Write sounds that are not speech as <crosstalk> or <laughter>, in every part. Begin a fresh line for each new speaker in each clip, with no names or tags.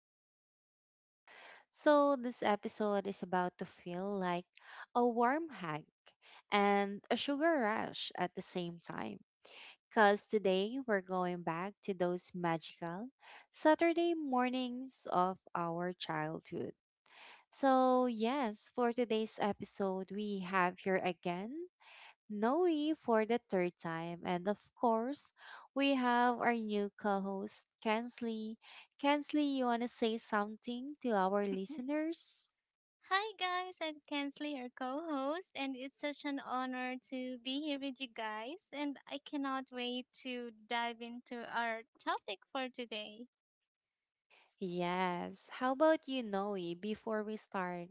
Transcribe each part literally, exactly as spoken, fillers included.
awesome podcast. So, this episode is about to feel like a warm hug and a sugar rush at the same time. Because today we're going back to those magical Saturday mornings of our childhood. So, yes, for today's episode, we have here again Noe for the third time. And of course, we have our new co host, Kensley. Kensley, you want to say something to our listeners?
Hi guys, I'm Kensley, your co-host, and it's such an honor to be here with you guys, and I cannot wait to dive into our topic for today.
Yes. How about you, Noe, before we start?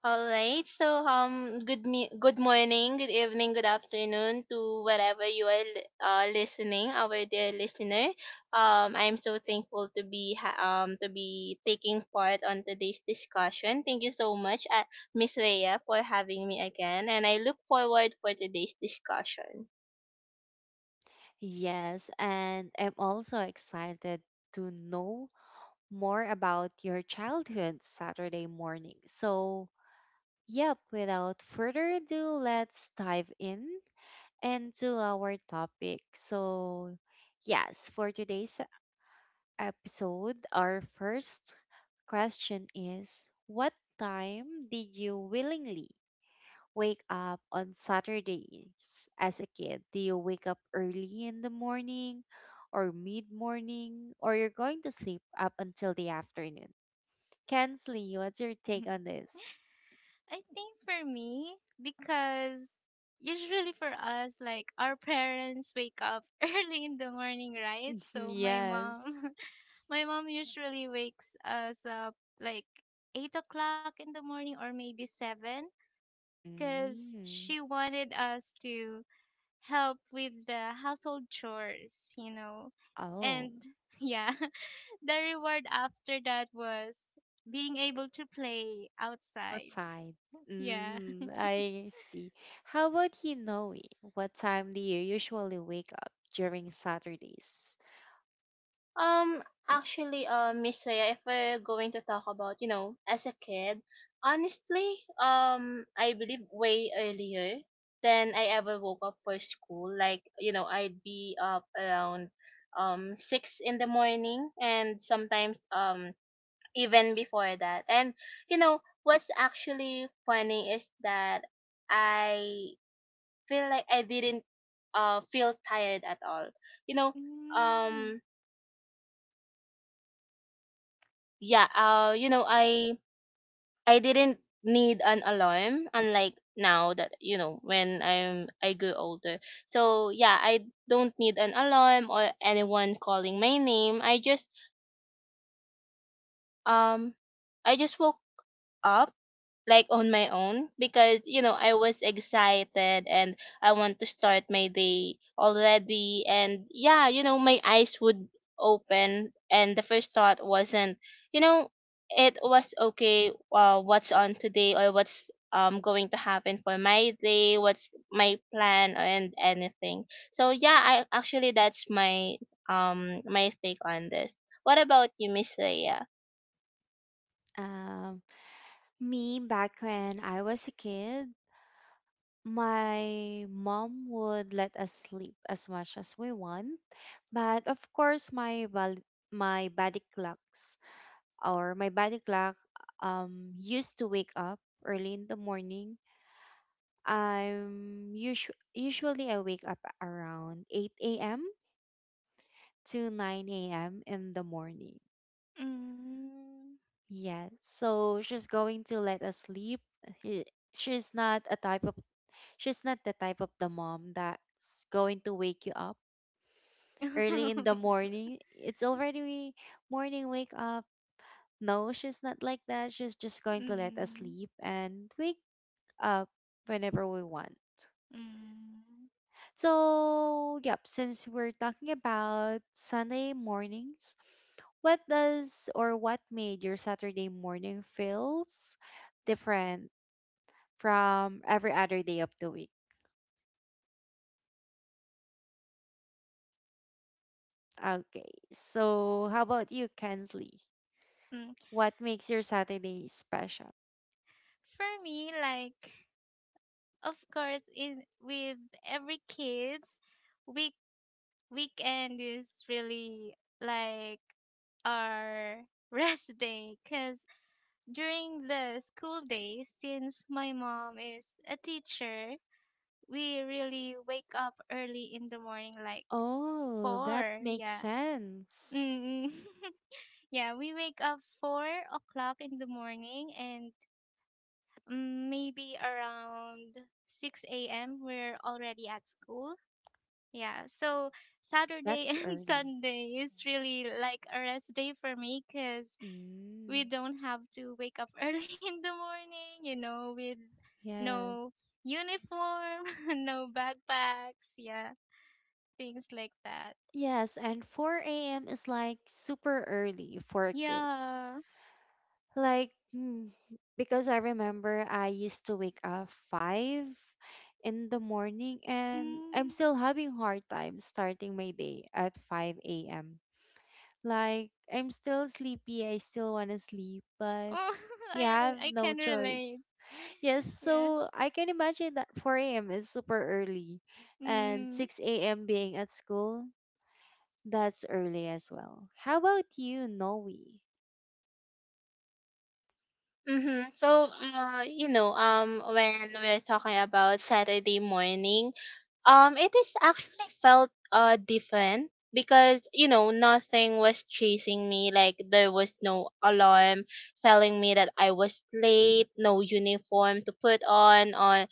All right. So um good me- good morning, good evening, good afternoon to whatever you are li- uh, listening, our dear listener. Um I am so thankful to be ha- um to be taking part on today's discussion. Thank you so much, uh, Miss Leia, for having me again, and I look forward for today's discussion.
Yes. And I'm also excited to know more about your childhood Saturday morning. So, yep, without further ado, let's dive in and to our topic. So, yes, for today's episode, our first question is, what time did you willingly wake up on Saturdays as a kid? Do you wake up early in the morning or mid morning, or you're going to sleep up until the afternoon? Kensley, what's your take on
<laughs>
this?
I think for me, because usually for us, like our parents wake up <laughs> early in the morning, right?
<laughs>
So my
Yes.
mom, <laughs> my mom usually wakes us up like eight o'clock in the morning or maybe seven, because
Mm.
she wanted us to help with the household chores, you know. And
Oh.
<laughs> yeah, <laughs> the reward after that was being able to play outside.
Outside.
Yeah.
Mm, I see. How about you, Noe? What time do you usually wake up during Saturdays?
Um, Actually, uh, Miss Saya, if we're going to talk about, you know, as a kid, honestly, um, I believe way earlier than I ever woke up for school. Like, you know, I'd be up around um six in the morning, and sometimes um even before that. And you know, what's actually funny is that I feel like I didn't uh feel tired at all. You know,
Mm,
um yeah uh you know i i didn't need an alarm unlike now that you know when i'm i grew older, so yeah, I don't need an alarm or anyone calling my name. I just um I just woke up like on my own because you know I was excited and I want to start my day already. And yeah, you know, my eyes would open and the first thought wasn't, you know, it was okay. Uh, what's on today, or what's um going to happen for my day, what's my plan and anything. So yeah, I actually, that's my um my take on this. What about you, Miss Leia?
Um, me back when I was a kid, my mom would let us sleep as much as we want, but of course my bal- my body clocks or my body clock um used to wake up early in the morning. I'm usu- usually I wake up around eight a m to nine a m in the morning.
mm.
Yes. So she's going to let us sleep. He- She's not a type of she's not the type of the mom that's going to wake you up early in the
<laughs>
morning. It's already morning, wake up. No, she's not like that. She's just going to let us
Mm,
sleep and wake up whenever we want.
Mm,
So, yep, since we're talking about Sunday mornings, what does, or what made your Saturday morning feels different from every other day of the week? Okay, so how about you, Kensley?
mm.
What makes your Saturday special?
<laughs> For me, like of course in with every kids week weekend is really like our <laughs> rest day because during the school days, since my mom is a teacher, we really wake up early in the morning, like
Oh, that
four.
makes
Yeah.
sense.
Mm. <laughs> Yeah, we wake up four o'clock in the morning, and mm, maybe around six a m. We're already at school. Yeah, so Saturday <laughs>
That's
and
early.
Sunday is really like a rest day for me because we
Mm,
don't have to wake up <laughs> early in the morning, you know, with
yeah.
no uniform, <laughs> no backpacks, yeah, things like that.
Yes, and four a m is like super early for a kid.
Yeah.
Like, hmm, because I remember I used to wake up five in the morning and I'm
Mm.
still having hard time starting my day at five a m. Like, I'm still sleepy, I still want to sleep, but
Oh, <laughs>
you
I
have
re- I
no
can relate.
choice. Yes,
Yeah.
so I can imagine that four a m is super early and
Mm.
six a m being at school, that's early as well. How about you, Noe?
Mm-hmm. So, uh, you know, um, when we're talking about Saturday morning, um, it is actually felt uh different because you know nothing was chasing me. Like there was no alarm telling me that I was late, no uniform to put on, on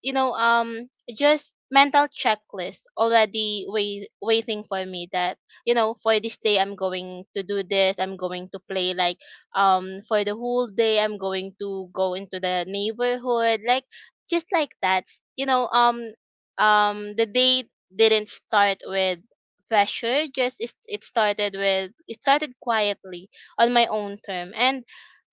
you know, um just mental checklist already wait, waiting for me. That, you know, for this day I'm going to do this, I'm going to play like, um for the whole day I'm going to go into the neighborhood, like just like that S- you know, um um the day didn't start with pressure. Just it, it started with It started quietly on my own term, and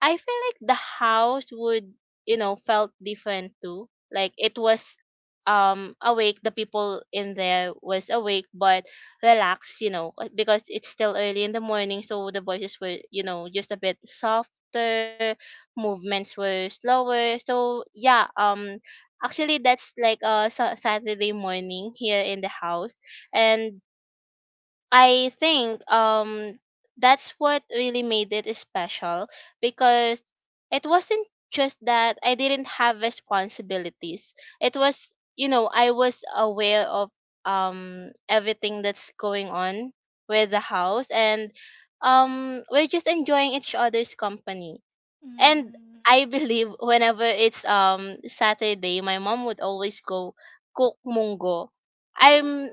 I feel like the house would, you know, felt different too. Like it was, um awake. The people in there was awake but relaxed, you know, uh, because it's still early in the morning, so the voices were, you know, just a bit softer, movements were slower. So yeah, um actually that's like a Sa- saturday morning here in the house. And I think um that's what really made it special, because it wasn't just that I didn't have responsibilities. It was, you know, I was aware of um everything that's going on with the house, and um we're just enjoying each other's company. And
Mm.
I believe whenever it's um Saturday, my mom would always go cook munggo. I'm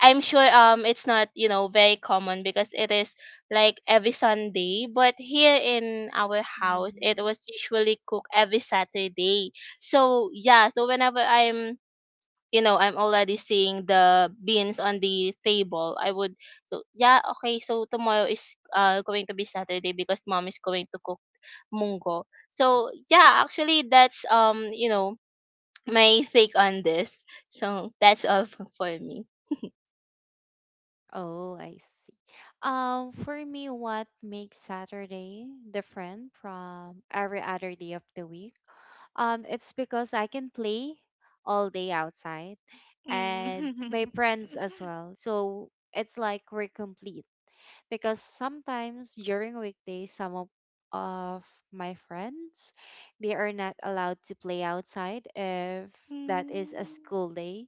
I'm sure um it's not, you know, very common because it is like every Sunday, but here in our house it was usually cooked every Saturday. So yeah, so whenever I'm, you know, I'm already seeing the beans on the table, I would, so yeah, okay, so tomorrow is uh going to be Saturday because mom is going to cook mungo. So yeah, actually, that's, um you know, my take on this. So that's all f- for me.
Oh, I see. Um, for me, what makes Saturday different from every other day of the week? Um, it's because I can play all day outside
Mm.
and my
Mm. <laughs>
friends as well. So it's like we're complete, because sometimes during weekdays some of, of my friends they are not allowed to play outside if that is a
Mm.
school day.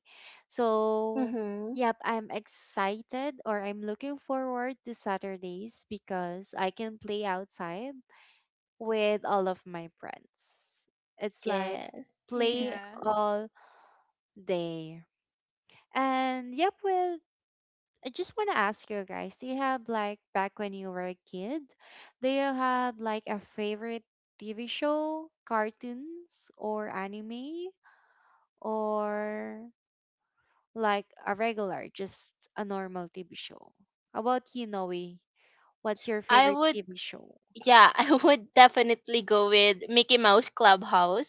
So
Mm-hmm.
yep, I'm excited, or I'm looking forward to Saturdays because I can play outside with all of my friends. It's like
yes
play
Yeah.
all day. And yep, well, I just want to ask you guys, do you have like back when you were a kid, do you have like a favorite T V show, cartoons, or anime, or like a regular, just a normal T V show? How about you, Noe? What's your
I
favorite
would
T V show?
Yeah, <laughs> I would definitely go with Mickey Mouse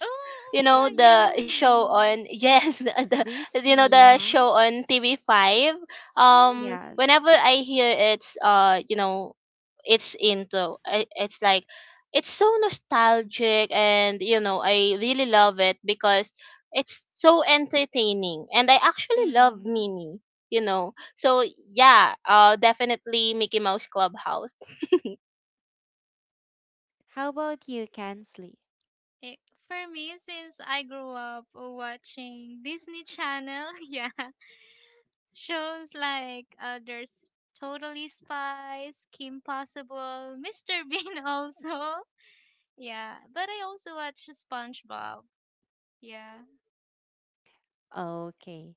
Oh, oh
You
my
know
god,
the
yeah.
show on,
Mm,
<laughs> yes, the you know
Disney,
the
huh?
show on T V five. Um,
Yes.
whenever I hear it's, uh, you know, it's into I- it's like it's so nostalgic, and you know I really love it because it's so entertaining, and I
<laughs> Mm.
actually love
Mm.
Minnie. You know, so yeah, uh, definitely Mickey Mouse Clubhouse.
How about you, Kansley?
It, for me, since I grew up watching Disney Channel, <laughs> yeah, shows like uh, there's Totally Spies, Kim Possible, Mister <laughs> Bean also. Yeah, but I also watch SpongeBob. Yeah.
Okay.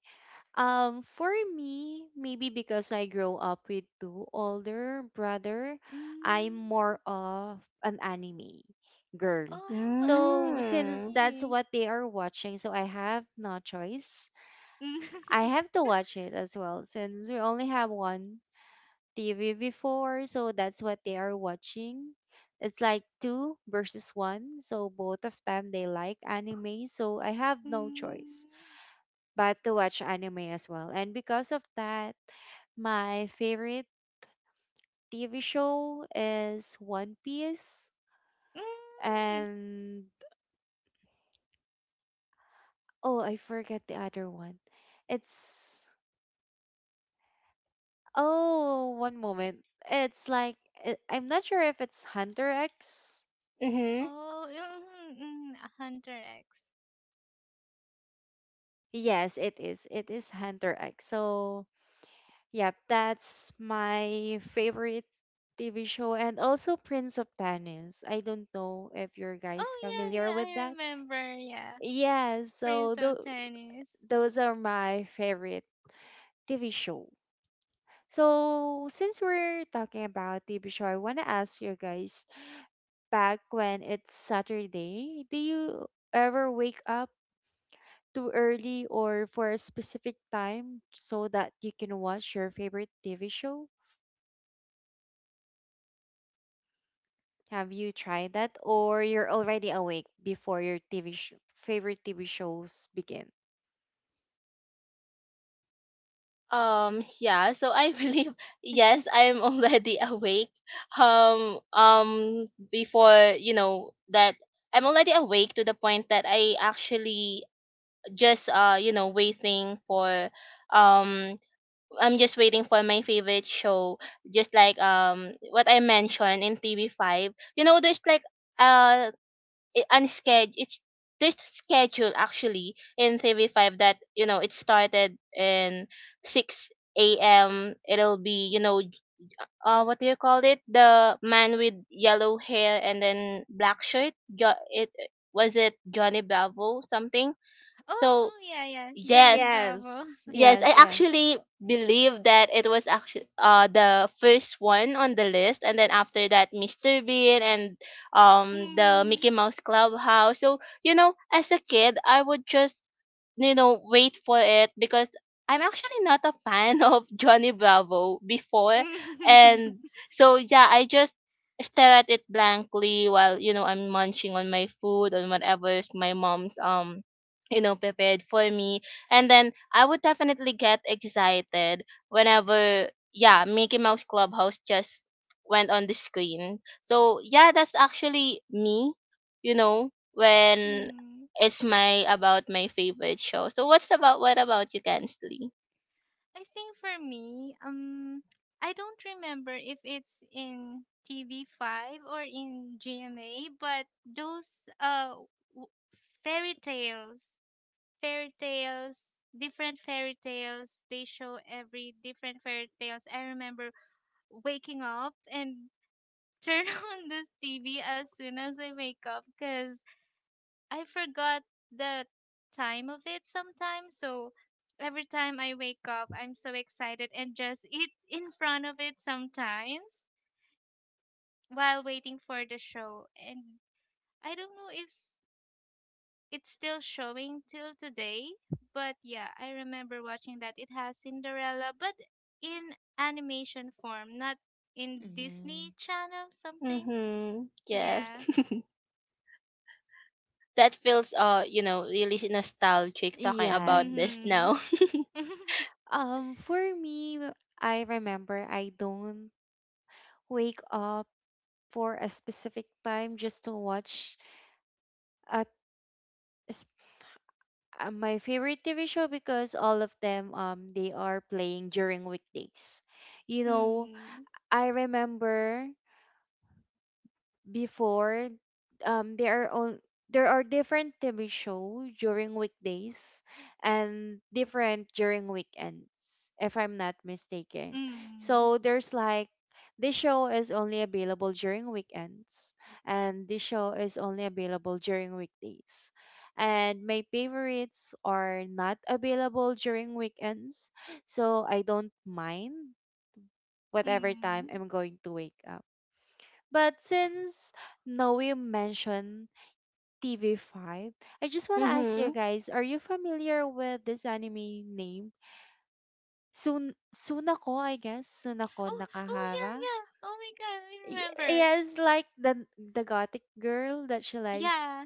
Um, for me, maybe because I grow up with two older brother, I'm
Mm.
more of an anime
Oh,
girl. So since
Mm.
that's
anime. <laughs>
what they are watching, so I have no choice. I have to watch it as well since we only have one T V before, so that's what they are watching. It's like two versus one, so both of them they like anime, so I have no
Mm.
choice but to watch anime as well. And because of that, my favorite T V show is One Piece
Mm.
and, oh, I forget the other one. It's, oh, one moment. It's like uh, I'm not sure if it's Hunter X.
Mhm.
Oh, mm, mm, Hunter X.
Yes, it is. It is Hunter X. So yep, that's my favorite T V show and also Prince of Tennis. I don't know if you guys
Oh yeah,
familiar
yeah,
with
I
that.
remember. Yeah.
Yes, so
Prince of
tho-
Tennis.
those are my favorite T V show. So, since we're talking about T V show, I want to ask you guys back when it's Saturday, do you ever wake up too early or for a specific time so that you can watch your favorite T V show? Have you tried that, or you're already awake before your T V sh- favorite T V shows begin?
Um yeah, so I believe <laughs> yes, I'm
<laughs>
already <laughs> awake. Um um Before, you know, that I'm already awake to the point that I actually just uh you know waiting for, um I'm just waiting for my favorite show, just like um what I mentioned in T V five. You know, there's like uh it unscheduled it's there's a schedule actually in thirty five that you know it started in six a.m. It'll be you know, j- uh what do you call it, the man with yellow hair and then black shirt, jo- it was it Johnny Bravo something,
Oh,
so
oh, yeah, yeah. Johnny
yes.
Bravo.
Yes,
Yes,
yes,
I
yes.
actually believe that it was actually uh the first one on the list, and then after that, Mister Bean and um the
Mm.
Mickey Mouse Clubhouse. So you know, as a kid, I would just, you know, wait for it because I'm actually not a fan <laughs> of Johnny Bravo before.
<laughs>
And so yeah, I just stare at it blankly while you know I'm munching on my food and whatever my mom's um you know prepared for me. And then I would definitely get excited whenever, yeah, Mickey Mouse Clubhouse just went on the screen. So yeah, that's actually me, you know, when
Mm.
it's my about my favorite show. So what's about what about you, Kensley?
I think for me, um, I don't remember if it's in T V five or in G M A, but those uh w- fairy tales, fairy tales, different fairy tales, they show every different fairy tales. I remember waking up and turn <laughs> on this T V as soon as I wake up because I forgot the time of it sometimes. So every time I wake up, I'm so excited and just eat <laughs> in front of it sometimes while waiting for the show. And I don't know if it's still showing till today, but yeah, I remember watching that. It has Cinderella, but in animation form, not in Disney
Hmm.
Channel something.
Mm-hmm. Yes.
Yeah.
<laughs> that feels, uh, you know, really nostalgic talking about
Yes.
this
Mhm.
now. <laughs>
<laughs>
Um, for me, I remember I don't wake up for a specific time just to watch at s- uh, my favorite T V show because all of them um they are playing during weekdays. You know,
Mm,
I remember before um there are on there are different T V show during weekdays and different during weekends if I'm not mistaken.
mm,
So there's like this show is only available during weekends and this show is only available during weekdays. And my favorites are not available during weekends, so I don't mind whatever time
mm.
I'm going to wake up, but since Noe mentioned T V five, I just want to ask you
Mm-hmm.
guys, are you familiar with this anime name? Sun Sunako, I guess. Sunako
Oh, oh yeah,
Nakahara.
yeah. Oh my god, I
Y-
remember.
Yes, like the the gothic girl that she likes
Yeah.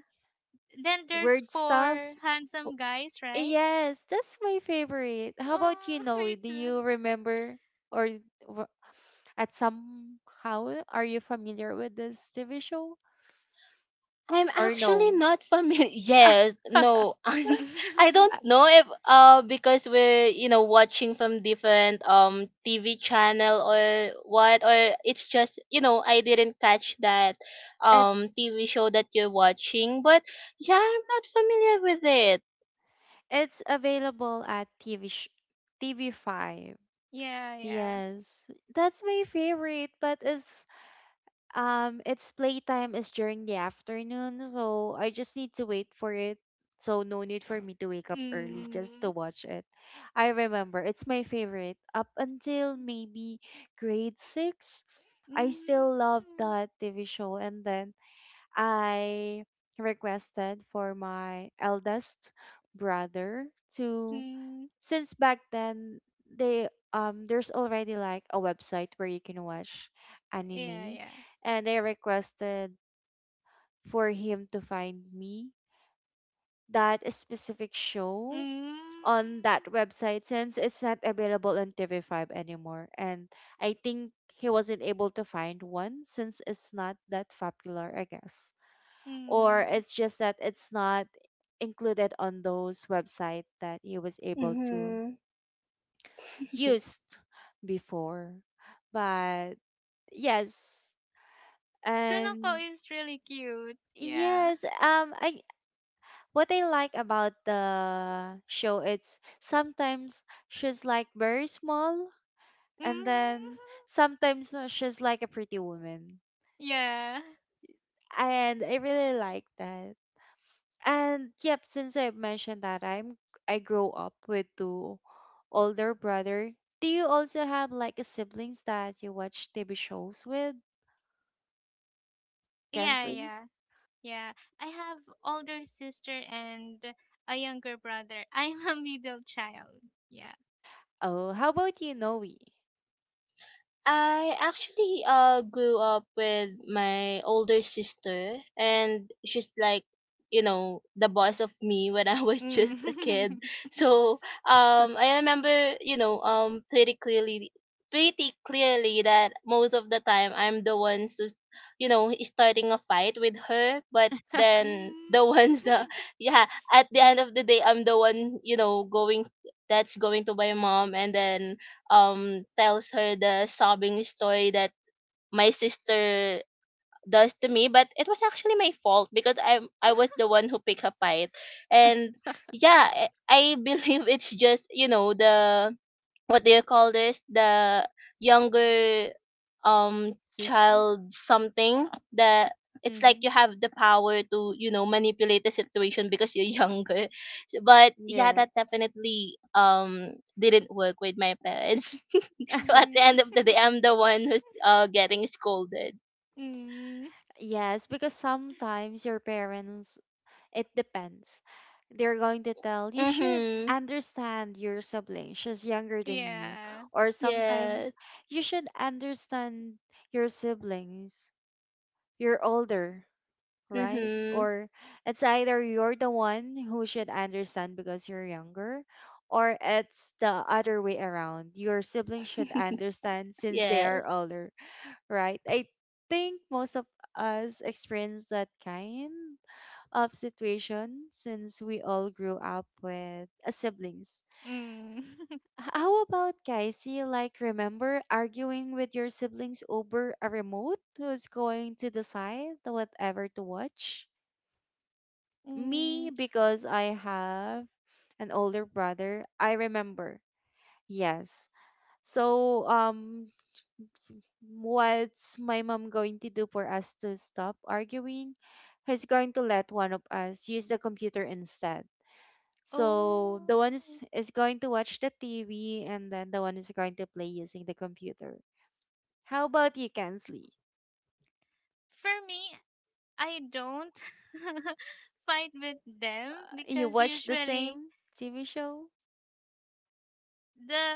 Then there's
weird stuff.
four handsome guys, right?
Yes, that's my favorite. How about you,
Oh, <laughs>
Noe?
me
Do
too.
you remember, or w- at somehow are you familiar with this T V show
I'm
or
actually
no?
not familiar. <laughs> Yes, no, <laughs>
<laughs>
I
<laughs>
don't know if uh because we're you know watching from different um T V channel or what, or it's just you know I didn't catch that um
It's
T V show that you're watching, but yeah, I'm not familiar with it.
it's available at T V sh- T V five.
Yeah, yeah.
Yes, that's my favorite, but it's um its playtime is during the afternoon, so I just need to wait for it. So no need for me to wake up early just to
Mm,
watch it. I remember it's my favorite up until maybe grade six. I still love
mm,
that T V show, and then I requested for my eldest brother to
mm.
since back then they um there's already like a website where you can watch
Yeah,
anime,
yeah.
and I requested for him to find me that specific show
Mm,
on that website since it's not available on T V five anymore, and I think he wasn't able to find one since it's not that popular I guess, or
mm.
it's just that it's not included on those website that he was able to
Hmm. <laughs>
used before, but yes. And
Sunoko is really cute. Yeah.
yes, um I what I like about the show, it's sometimes she's like very small, and then
Mm,
sometimes uh, she's like a pretty woman,
<laughs> yeah.
and I really like that. And yep, since I've mentioned that I'm I grow up with two older brother. Do you also have like a siblings that you watch T V shows with,
Yeah,
Kensley?
yeah. Yeah, I have older sister and a younger brother. <laughs> I'm a middle child. Yeah.
Oh, how about you, Noe?
I actually uh grew up with my older sister, and she's like, you know, the boss of me when I was <laughs> just a kid.
Mm. <laughs>
So um, I remember, you know, um, pretty clearly, pretty clearly that most of the time I'm the ones who's, you know, starting a fight with her, but
<laughs>
Mm.
then the <laughs> ones that, yeah, at the end of the day, I'm the one, you know, going that's going to my mom and then um tells her the sobbing story that my sister does to me, but it was actually my fault because i i was the
<laughs>
one who picked a fight. And yeah, i I <laughs> believe it's just you know the what do you call this, the younger um
Sister?
child something, that it's like
Mm-hmm.
you have the power to you know manipulate the situation because you're younger, <laughs> but yeah, that
Yes.
definitely um didn't work with my parents. <laughs> so at
Mm.
<laughs>
the end of the day I'm the one who's uh getting scolded.
<laughs> Mm.
Yes, because sometimes your parents. It depends. They're going to tell you should
Mhm.
understand your sibling. She's younger than you.
Yeah.
Or
Yes.
sometimes you should understand your siblings. You're older, right?
Mhm.
Or it's either you're the one who should understand because you're younger, or it's the other way around. Your siblings should understand
<laughs>
since they are
yes.
older, right? I think most of us experience that kind of situation since we all grew up with uh, siblings.
Mm. <laughs>
H- How about guys? Do you like remember arguing with your siblings over a remote who's going to decide whatever to watch?
Mm.
Me, because I have an older brother, I remember. Yes. So, um, what's my mom going to do for us to stop arguing? He's going to let one of us use the computer instead. So the one is,
Oh,
is going to watch the T V and then the one is going to play using the computer. How about you, Kansley?
for me, I don't <laughs> fight with them
You
because
watch the
usually
same T V show?
the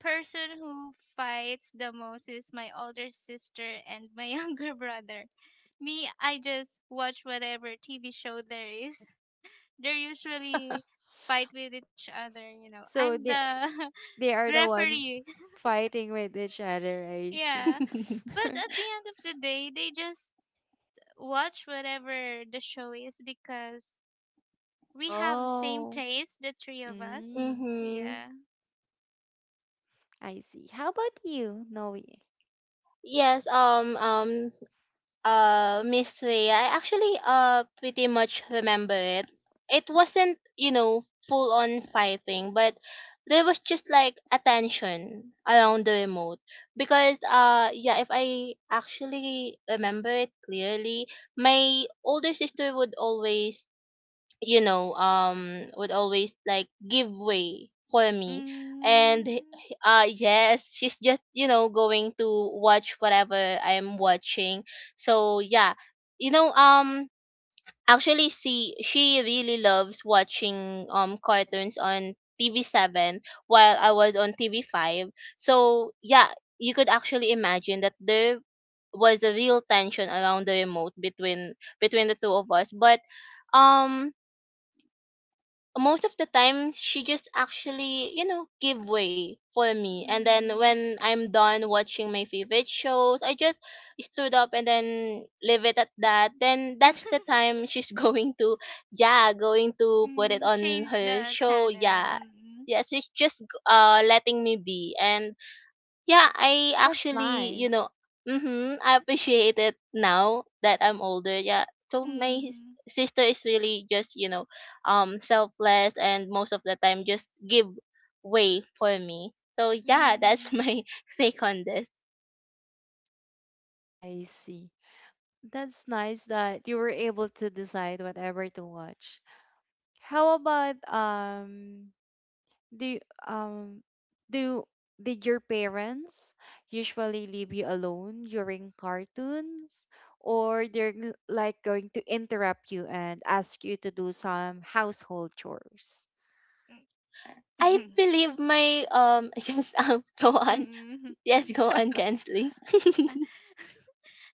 person who fights the most is my older sister and my <laughs> younger brother. Me, I just watch whatever T V show there is. They usually fight with each other, you know.
So
I'm
they
the
they
<laughs>
are the one
referee.
fighting with each other, I see.
Yeah.
<laughs>
But
<laughs>
at the end of the day, they just watch whatever the show is because we have same
Oh,
taste, the three of us.
mm,
mhm.
Yeah.
I see. How about you, Noe?
yes um um Uh, Miss Leia, I actually uh pretty much remember it. It wasn't, you know, full on fighting, but there was just like attention around the remote because uh yeah, if I actually remember it clearly, my older sister would always, you know, um would always like give way for me.
Mm.
and h- uh yes, she's just you know going to watch whatever I'm watching. So yeah, you know, um actually she she really loves watching um cartoons on T V seven while I was on T V five. So yeah, you could actually imagine that there was a real tension around the remote between between the two of us. But um most of the time she just actually you know give way for me, and then
Mm.
when I'm done watching my favorite shows I just stood up and then leave it at that. Then that's the
<laughs>
time she's <laughs> going to, yeah, going to put it
Mm,
on
change
her
the
show.
channel.
Yeah,
Mm,
yes, it's just uh letting me be. And yeah, I
That's
actually, you
nice.
know, mhm, I appreciate it now that I'm older. Yeah. So my s-
mm,
sister is really just, you know, um selfless and most of the time just give way for me. So yeah, that's <laughs>
mm,
my take on this.
I see. That's nice that you were able to decide whatever to watch. How about um do um do did your parents usually leave you alone during cartoons, or they're g- like going to interrupt you and ask you to do some household chores.
I
mm, <laughs>
believe my um <laughs> yes um go on.
mm.
Yes, go on, Kensley.
<laughs> As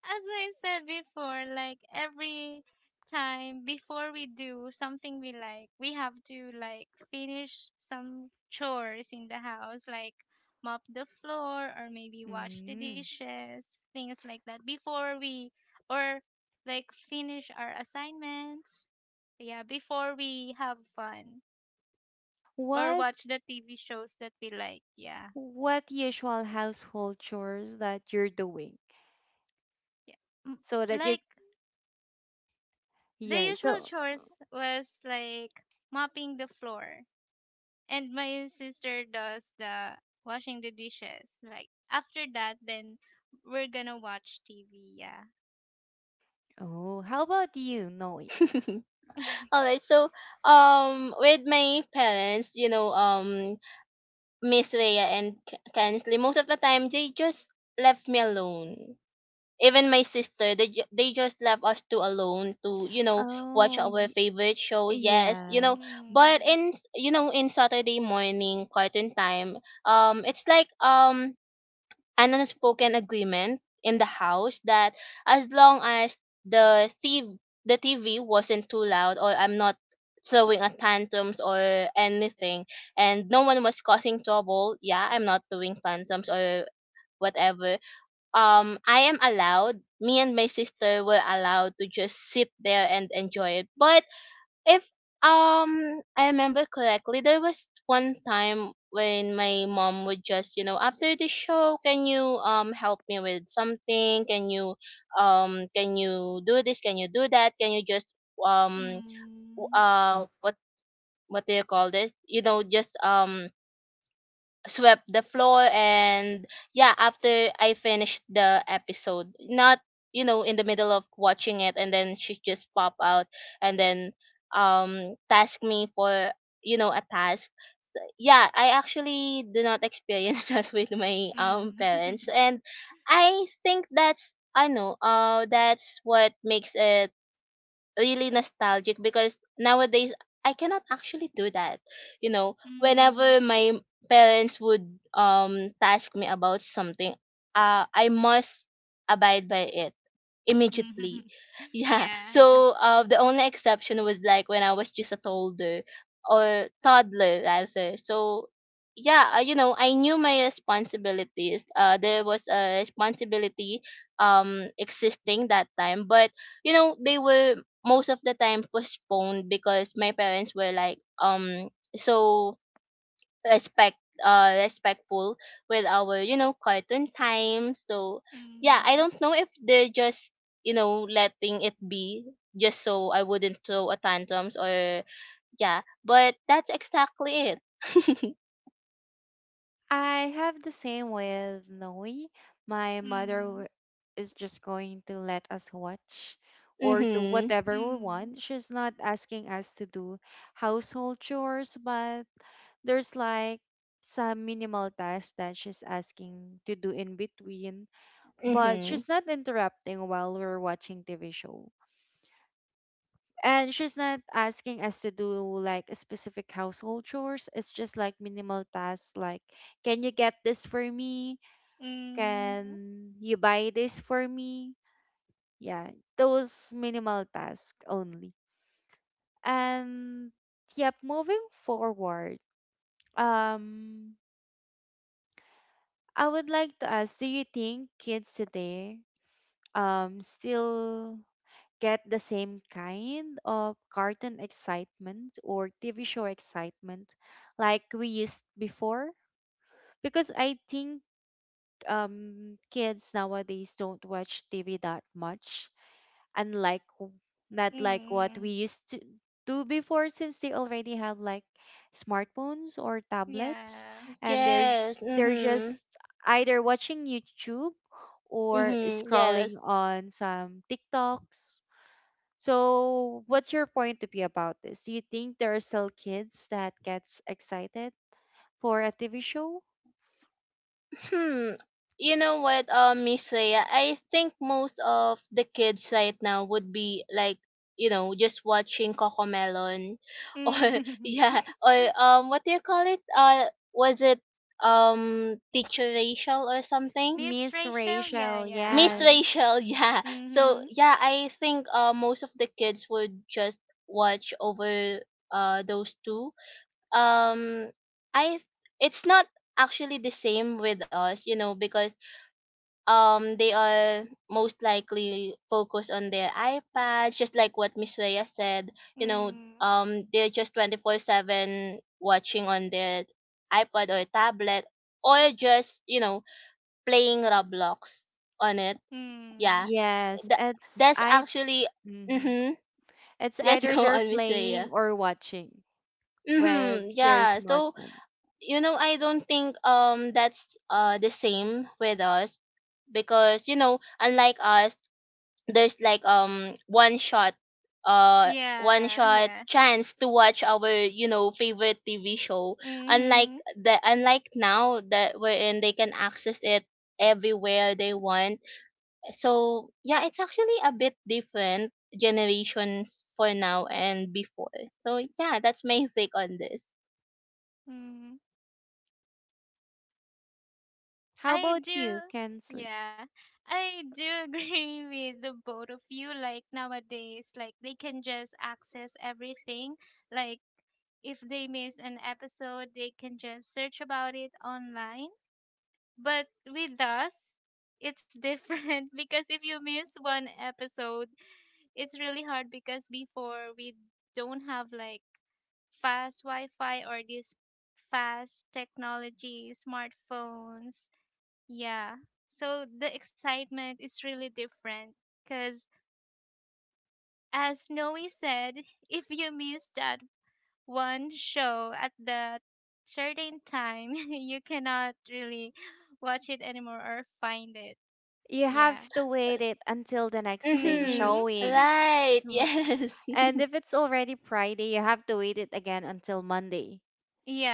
I said before, like every time before we do something we like, we have to like finish some chores in the house, like mop the floor or maybe wash the
Mm.
dishes, things like that before we or like finish our assignments. Yeah, before we have fun, or
what
watch the T V shows that we like. Yeah.
what usual household chores that you're doing
Yeah. M-
so that you.
Like the
Yeah.
usual
So.
chores was like mopping the floor and my sister does the washing the dishes. Like after that then we're gonna watch T V, yeah.
Oh, how about you, Noe?
<laughs> All right. So um with my parents, you know, um Miss Rhea and K- Kensley, most of the time they just left me alone. Even my sister, they ju- they just left us two alone to you know watch
Oh,
our
y-
favorite show. Yes, you know,
yes.
but
Mm.
in you know in Saturday morning cartoon time, um, it's like um an unspoken agreement in the house that as long as the T V, the T V wasn't too loud, or I'm not throwing a tantrums or anything, and no one was causing trouble. Yeah, I'm not doing tantrums or whatever. Um I am allowed, me and my sister were allowed to just sit there and enjoy it. But if um I remember correctly, there was one time when my mom would just, you know, after the show, can you um help me with something? Can you um can you do this? Can you do that? Can you just um w-
Mm.
uh Mhm. what what do you call this? You know, just um swept the floor. And yeah, after I finished the episode, not you know in the middle of watching it. And then she just pop out, and then um task me for you know a task. So yeah, I actually do not experience <laughs> that with my um parents.
Mm.
And I think that's I know uh that's what makes it really nostalgic, because nowadays I cannot actually do that. You know,
<laughs> Mm.
whenever my parents would um task me about something, uh I must abide by it immediately.
Mm.
<laughs>
<laughs>
Yeah.
Yeah.
So uh the only exception was like when I was just a toddler, or toddler rather. So yeah, uh, you know, I knew my responsibilities. Uh there was a responsibility um existing that time, but you know they were most of the time postponed, because my parents were like um so respect uh respectful with our you know cartoon time. So yeah, I
Mm.
don't know if they're just you know letting it be, just so I wouldn't throw a tantrums. Or yeah, but that's exactly it. <laughs>
I have the same with Noe. My mother
Mm.
w- is just going to let us watch or do
Mhm.
whatever we
Mm.
want. She's not asking us to do household chores, but there's like some minimal tasks that she's asking to do in between. But
Mhm.
she's not interrupting while we're watching T V show. And she's not asking us to do like specific household chores. It's just like minimal tasks like, can you get this for me?
Mm.
Can you buy this for me? Yeah, those minimal tasks only. And yep, moving forward, um, I would like to ask, do you think kids today um still get the same kind of cartoon excitement or T V show excitement like we used before? Because I think um kids nowadays don't watch T V that much, unlike w- not like what
Mm.
we used to do before, since they already have like smartphones or tablets,
Yeah.
and they're j-
Yes.
they're
Mhm.
just either watching YouTube or
Mhm. Yes.
scrolling on some TikToks. So what's your point of view about this? Do you think there are still kids that gets excited for a T V show?
Hmm. You know what, uh, Miss Leia? I think most of the kids right now would be like, you know, just watching Cocomelon, <laughs> or
Mm.
yeah,
<laughs>
or um, what do you call it? Uh, was it um, Teacher Rachel or something?
Miss
Miss
Rachel, yeah,
Rachel,
Miss
yeah.
yes.
Rachel, <laughs> yeah. So
Mm-hmm.
yeah, I think uh, most of the kids would just watch over uh those two. Um, I it's not actually the same with us, you know, because um they are most likely focused on their iPads, just like what Miss Rhea said. You know,
Mm.
um they're just twenty four seven watching on their iPad or tablet, or just, you know, playing Roblox on it. Yeah.
Mm.
Yes,
That
it's
that's
I
actually
mhm.
mm-hmm.
It's
<laughs> Let's
either
go
they're
on, Miss
playing
Rhea.
or watching with
Mm-hmm.
their
Yeah. So
smartphones.
you know, I don't think um that's uh the same with us, because you know unlike us, there's like um one shot uh one
Yeah,
shot
yeah.
chance to watch our you know favorite T V show, unlike
Mm-hmm.
the unlike now that wherein they can access it everywhere they want. So yeah, it's actually a bit different generation for now and before. So yeah, that's my <laughs> take on this.
Mm.
How
I
about
do
you, Kensley?
yeah. I do agree <laughs> with the both of you. Like nowadays, like they can just access everything. Like if they miss an episode, they can just search about it online. But with us, it's different <laughs> because if you miss one episode, it's really hard because before we don't have like fast Wi-Fi or these fast technology, smartphones. Yeah. So the excitement is really different because as Noe said, <laughs> if you miss that one show at the certain time, <laughs> you cannot really watch it anymore or find it.
You have
Yeah.
to wait it until the next day
Mm-hmm.
Mhm.
showing.
<laughs>
Right,
Mhm.
yes.
And if it's already Friday, you have to wait it again until Monday.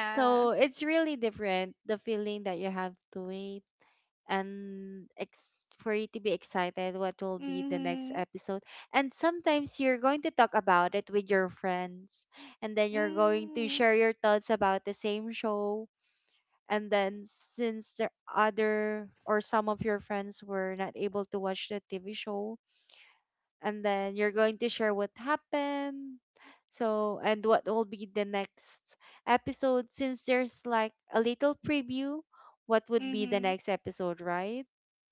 So it's really different, the feeling that you have to wait and ex- for you to be excited what will be the next
Mhm.
episode. And sometimes you're going to talk about it with your friends, and then you're going to
Mm.
share your thoughts about the same show. And then since the other or some of your friends were not able to watch the T V show, and then you're going to share what happened so and what will be the next episode, since there's like a little preview what would be the
Mhm.
next episode, right?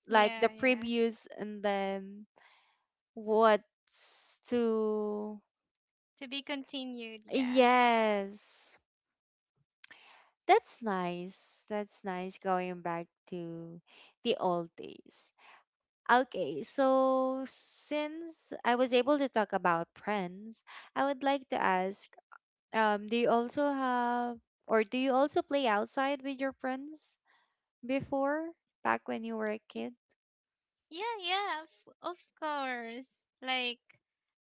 Like the
Yeah, yeah.
previews, and then what's to
To be continued, yeah.
yes, that's nice. That's nice, going back to the old days. Okay, so since I was able to talk about friends, I would like to ask, Um, do you also have, or do you also play outside with your friends before, back when you were
Y-
a kid?
Yeah, yeah, of, of course. Like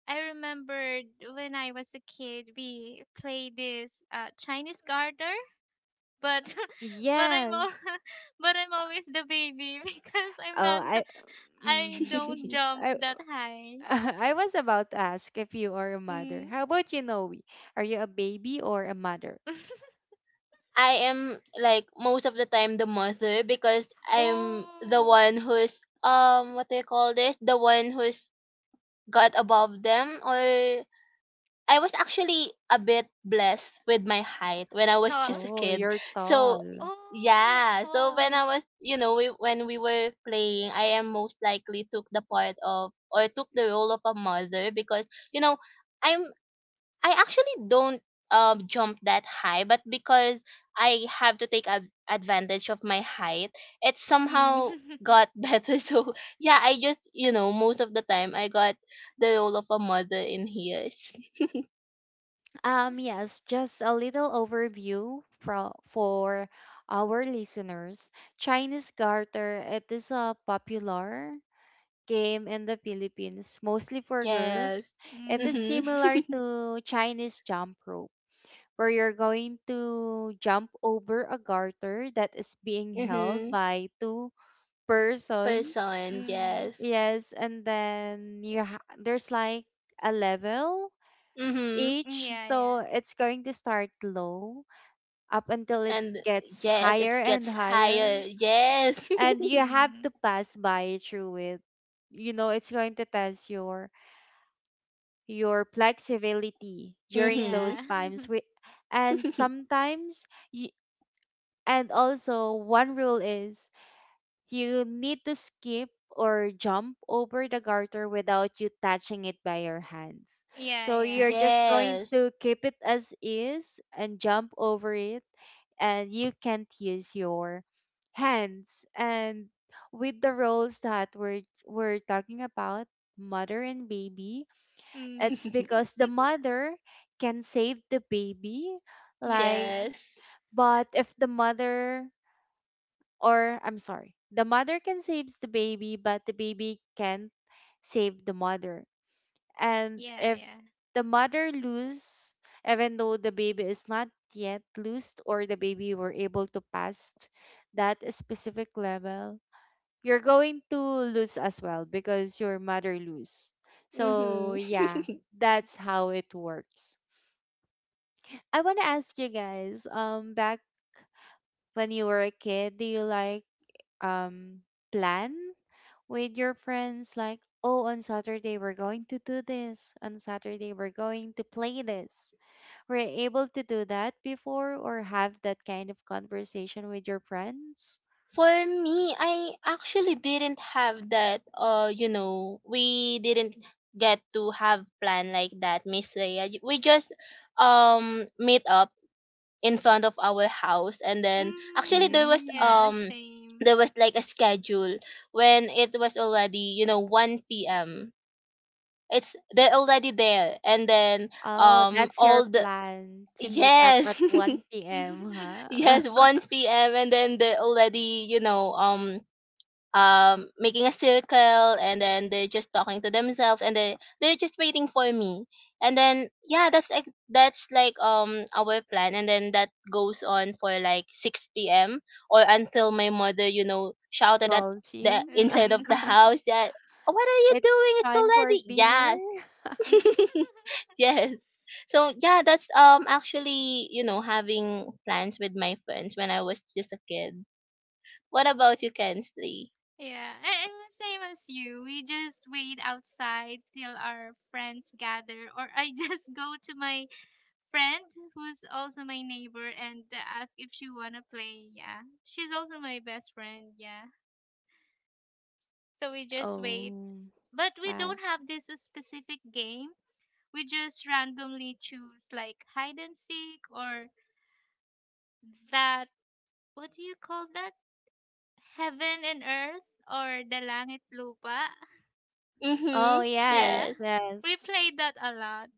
I remembered when I was a kid, we played this uh Chinese garter, but <laughs> but I'm all,
Yes.
<laughs> but I'm always the baby <laughs> because I'm
Oh,
not
I,
<laughs> I
mm,
don't
<laughs>
jump
I,
that high.
<laughs> I was about to ask if you are a mother.
Mm.
How about you, Noe? Are you a baby or a mother?
<laughs>
I am like most of the time the mother, because I'm the
Oh,
one who's um what do you call this? The one who's got above them, or I was actually a bit
tall.
blessed with my height when I was <laughs> just a
Oh,
kid.
you're
Oh,
So
you're
tall.
tall.
yeah, so when I was you know we, when we were playing, I am most likely took the part of, or took the role of a mother, because you know I'm I actually don't um jump that high, but because I have to take ad- advantage of my height, it somehow
Mm.
got <laughs> better. So yeah, I just you know most of the time I got the role of a mother in here.
Um, yes, just a little overview for for our listeners. Chinese garter, it is a popular game in the Philippines, mostly
<laughs>
for
Yes.
girls.
<laughs>
It is
Mhm.
Mm.
similar to Chinese jump rope, where you're going to jump over a garter that is being
<laughs>
held
Mhm.
by two persons.
Person.
Mm.
Yes.
Yes, and then you ha- there's like a level
Mhm.
each,
Yeah, yeah.
so it's going to start low up until it
And
gets
yes,
higher
it
and
gets
higher,
higher. Yes.
and you have to
Mm.
pass by through it. You know, it's going to test your your flexibility
<laughs>
during
Mhm.
Yeah.
those
<laughs>
times we, and
<laughs>
sometimes you, and also one rule is you need to skip or jump over the garter without you touching it by your hands,
Yeah,
so you're
yeah.
just going
Yes.
to keep it as is and jump over it, and you can't use your hands. And with the roles that we're we're talking about, mother and baby,
Mm.
it's
<laughs>
because
<laughs>
the mother can save the baby, like,
Yeah.
Yes.
but if the mother, or I'm sorry, the mother can save the baby, but the baby can't save the mother. And
Yeah,
if
yeah.
the mother lose, even though the baby is not yet loosed or the baby were able to pass that specific level, you're going to lose as well because your mother lose. So
Mhm.
yeah,
<laughs>
that's how it works. I want to ask you guys, um, back when you were a kid, do you like um plan with your friends like, oh, on Saturday we're going to do this, on Saturday we're going to play this. Were you able to do that before or have that kind of conversation with your friends?
For me, I actually didn't have that. Uh, you know, we didn't get to have plan like that, Miss Leia. We just um meet up in front of our house. And then actually
Mm.
there was
Mm.
Yeah,
um
same.
there was like a schedule when it was already you know one p m. It's they're already there. And then
Oh,
um
that's your
all the
plan to meet up at
yes.
one p m,
<laughs>
<laughs>
huh?
Yes, one p m And then they already you know um um making a circle, and then they're just talking to themselves, and they they're just waiting for me. And then yeah, that's ex- that's like um our plan. And then that goes on for like six p m, or until my mother you know
<laughs>
shouted at
Calls
the
you.
inside of
<laughs>
the
Mm.
house that, what are you
It's
doing, it's
time for dinner.
already, yes. <laughs>
<laughs>
Yes. So yeah, that's um actually you know having plans with my friends when I was just a kid. What about you, Kensley?
Yeah, I- I'm the same as you. We just wait outside till our friends gather, or I just <laughs> go to my friend who's also my neighbor and uh, ask if she wanna play. Yeah, she's also my best friend. Yeah, so we just wait,
Oh,
but we
I
don't have this specific game. We just randomly choose like hide and seek or that what do you call that? Heaven and earth or the langit lupa.
Oh
Mm-hmm.
Yeah,
Yes.
yes,
we
yes,
played that a lot.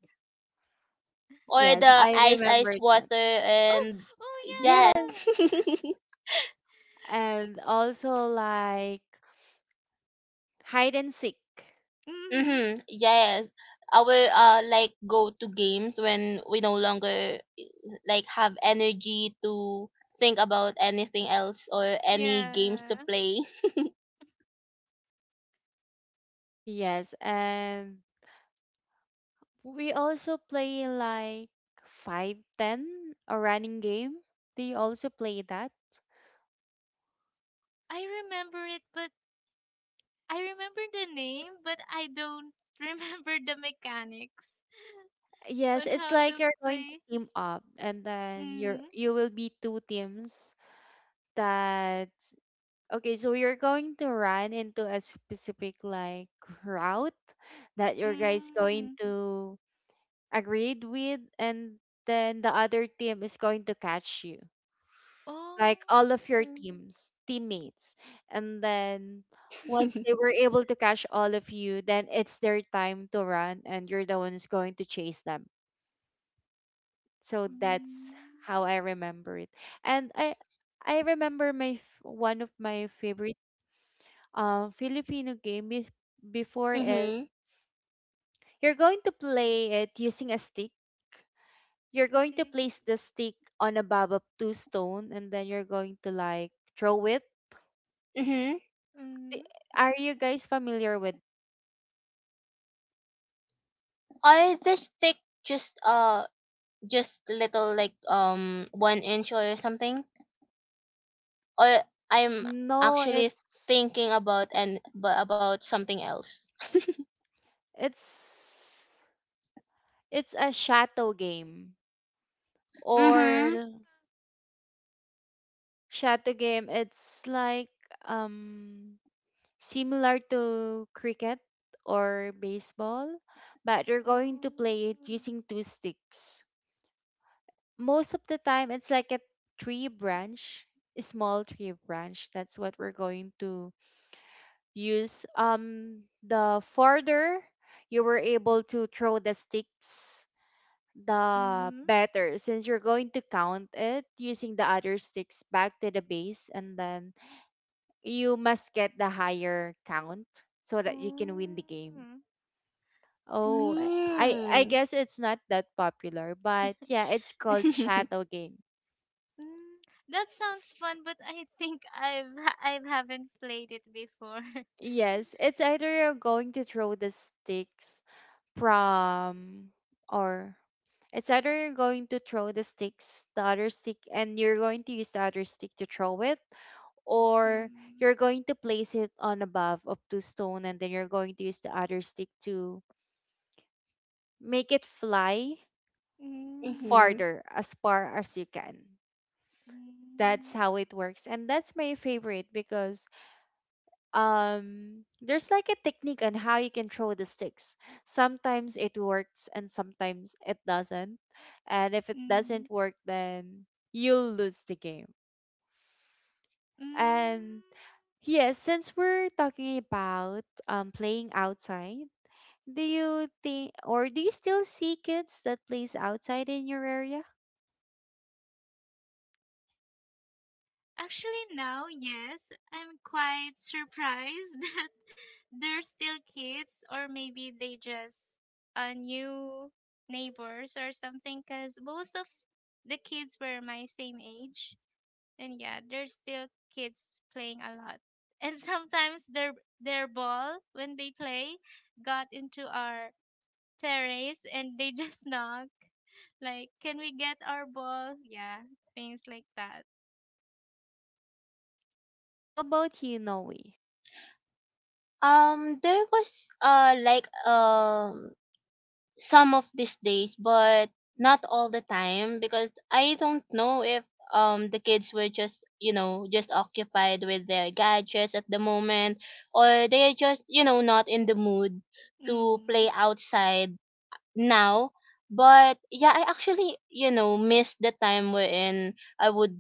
Or
yes.
the
I
ice ice
remember that.
water.
Oh,
And
oh
yes.
Yes,
<laughs>
and also like hide and seek.
yeah, yeah.
Mm-hmm.
Mhm.
Yes. Our uh like go to games when we no longer like have energy to think about anything else or any games to
Yeah.
play. <laughs>
Yes, and we also play like five ten, a running game. Do you also play that?
I remember it, but I remember the name, but I don't <laughs> remember the mechanics
Yes,
on
it's
how
like
to
you're going to
play.
team up, and then you're
Mm,
you will be two teams that okay, so you're going to run into a specific like route that your guys going
mm.
to agreed with, and then the other team is going to catch you. Like all of your
Oh.
teams, teammates. And then once they were able to catch all of you, then it's their time to run and you're the one who's going to chase them. So that's
Mm.
how I remember it. And I I remember my f- one of my favorite um, Filipino game is before is
Mm-hmm.
you're going to play it using a stick. You're going to
Stick.
place the stick on a babab two stone and then you're going to like throw it.
Mm-hmm.
I-
Mm.
Are you guys familiar with?
Or the stick just uh just a little like um one inch or something, or I'm
No,
actually
it's
thinking about and but about something else.
it's it's a shadow game
Mm-hmm.
or shadow game. It's like um similar to cricket or baseball, but you're going
Oh.
to play it using two sticks. Most of the time, it's like a tree branch, a small tree branch. That's what we're going to use. Um, the farther you were able to throw the sticks, the
Mm.
better, since you're going to count it using the other sticks back to the base, and then you must get the higher count so that you can win the
Oh.
game.
Mm.
Oh, I I I
Mm.
guess it's not that popular, but yeah, it's called
<laughs>
Shadow Game.
That sounds fun, but I think I've I haven't played it before. <laughs>
Yes, it's either you're going to throw the sticks from or it's either you're going to throw the sticks, the other stick, and you're going to use the other stick to throw it, or
Mm.
you're going to place it on a above of two stone, and then you're going to use the other stick to make it fly
Mm.
Mm-hmm.
farther as far as you can. That's
Mm.
how it works, and that's my favorite because um there's like a technique on how you can throw the sticks. Sometimes it works and sometimes it doesn't, and if it
Mm.
doesn't work then you'll lose the game.
Mm.
And yes, since we're talking about um playing outside, do you think or do you still see kids that plays outside in your area?
Actually, now, yes, I'm quite surprised <laughs> that they're still kids, or maybe they just uh, new neighbors or something, because most of the kids were my same age. And yeah, there's still kids playing a lot. <laughs> And sometimes their their ball when they play got into our terrace and they just <laughs> knock like can we get our ball? Yeah, things like that.
How about you, Noe?
Um, there was uh like um some of these days, but not all the time, because I don't know if um the kids were just you know just occupied with their gadgets at the moment, or they are just you know not in the mood to play
Mm.
outside now. But yeah, I actually, you know, missed the time wherein I would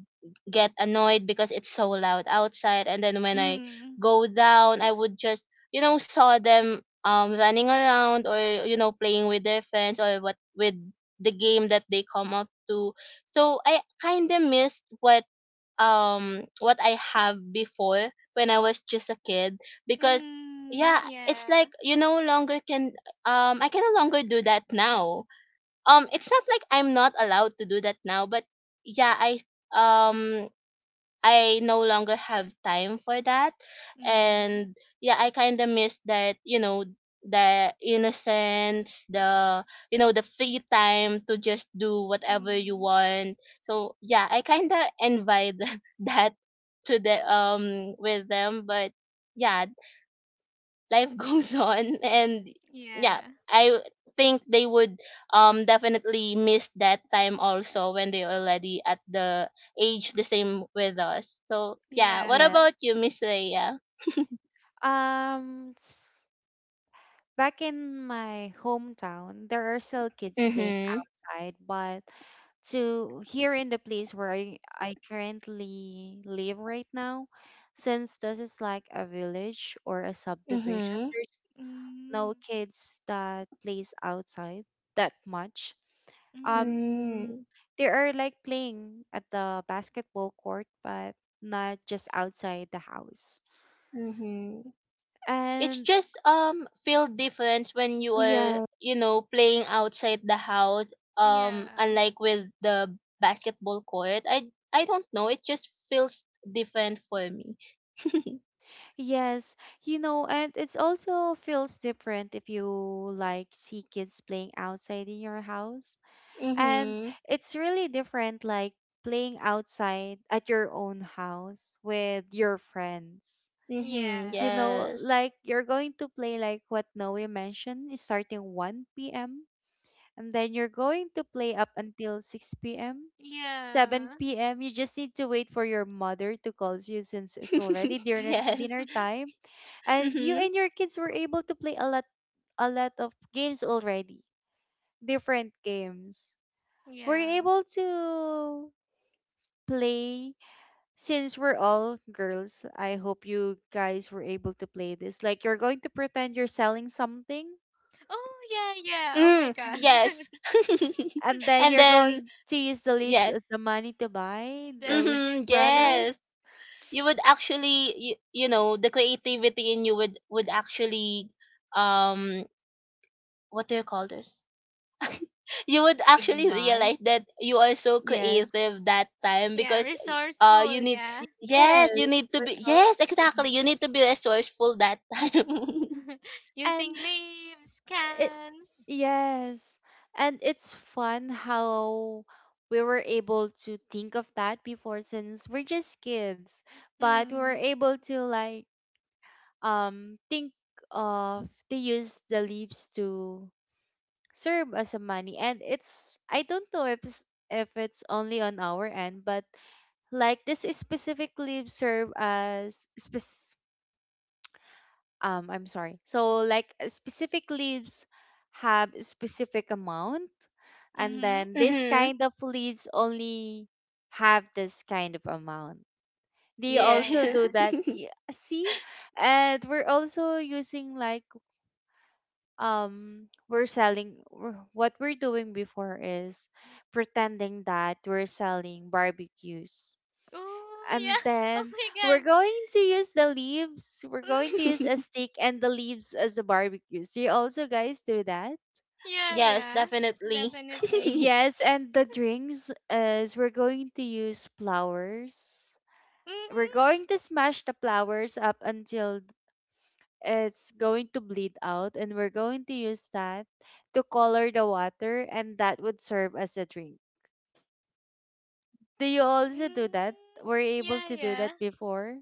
get annoyed because it's so loud outside. And then when I
<laughs>
go down, I would just, you know, saw them um running around, or, you know, playing with their friends, or what with the game that they come up to. So I kinda missed what um what I have before when I was just a kid. Because
Mm,
yeah, it's
yeah.
like you no longer can um I can no longer do that now. Um it's not like I'm not allowed to do that now, but yeah, I um I no longer have time for that.
Mm,
And yeah, I kind of miss that, you know, the innocence, the you know, the free time to just do whatever you
mm,
want. So yeah, I kind of invite <laughs> that to the um with them. But yeah, life <laughs> goes on. And yeah,
yeah.
I think they would um definitely miss that time also when they already at the age the same with us. So yeah,
Yeah.
what
Yeah.
about you, Miss Leia?
um, s- Back in my hometown, there are still kids playing
Mm-hmm.
outside, but to here in the place where I, I currently live right now, since this is like a village or a subdivision,
Mm-hmm.
there's
Mm,
no kids that plays outside that much.
mm,
Um, they are like playing at the basketball court, but not just outside the house.
Mm-hmm. It's
And
just um feel different when you are
yeah.
you know playing outside the house, um
yeah.
unlike with the basketball court. I i don't know, it just feels different for me. <laughs>
Yes, you know, and it's also feels different if you like see kids playing outside in your house. And
Mhm.
it's really different like playing outside at your own house with your friends.
Yeah.
Mhm.
You know,
Yes.
like you're going to play like what Noe mentioned, is starting one p m, and then you're going to play up until six p m,
Yeah.
seven p m. You just need to wait for your mother to call you since it's already
<laughs>
dinner
Mm,
yes.
dinner
<laughs>
time, and you
Mhm.
and your kids were able to play a lot, a lot of games already. Different games. Were
yeah.
you able to play, since we're all girls, I hope you guys were able to play this. Like you're going to pretend you're selling something,
Oh, yeah, yeah. Oh my
Mm.
God.
Mm.
Yes.
and
<laughs>
then
And
you're
then
going to use the leaves
yes.
as the money to buy
<laughs>
those
Mhm.
Definitely.
Yes.
products.
You would actually, you, you know, the creativity in you would would actually, um, what do you call this? <laughs> you would actually
Ignite.
realize that you are so
Yes.
creative that time,
Yeah,
because uh
resourceful,
you need,
yeah.
Yes.
yes you need to be, yes
Resourceful.
exactly, you need to be resourceful that time.
<laughs> Using
And
leaves,
it,
cans.
Yes. And it's fun how we were able to think of that before since we're just kids, but we
Mm,
were able to like um think of they use the leaves to serve as a money. And it's I don't know if it's, if it's only on our end, but like this is specific leaves serve as specific um I'm sorry. So like uh, specific leaves have a specific amount, and
mm-hmm.
<laughs>
then this
Mhm.
kind of leaves only have this kind of amount. They
Yeah.
Yeah,
also do
yeah.
that. y- See, and we're also using like um we're selling we're- what we're doing before is pretending that we're selling barbecues,
Oh,
and
yeah. <laughs> Oh
then
my
we're
God.
going to use the leaves. We're going to use
Mm-hmm.
a
<laughs>
stick and the leaves as the barbecues. Do you also guys do that?
Yeah,
Yes,
yeah,
definitely. <laughs>
definitely.
Yes, and the drinks is we're going to use flowers. We're going
Mm-hmm.
to smash the flowers up until it's going to bleed out, and we're going to use that to color the water, and that would serve as a drink. Do you also do that?
Mm,
Were you
yeah,
able to do
yeah.
that before?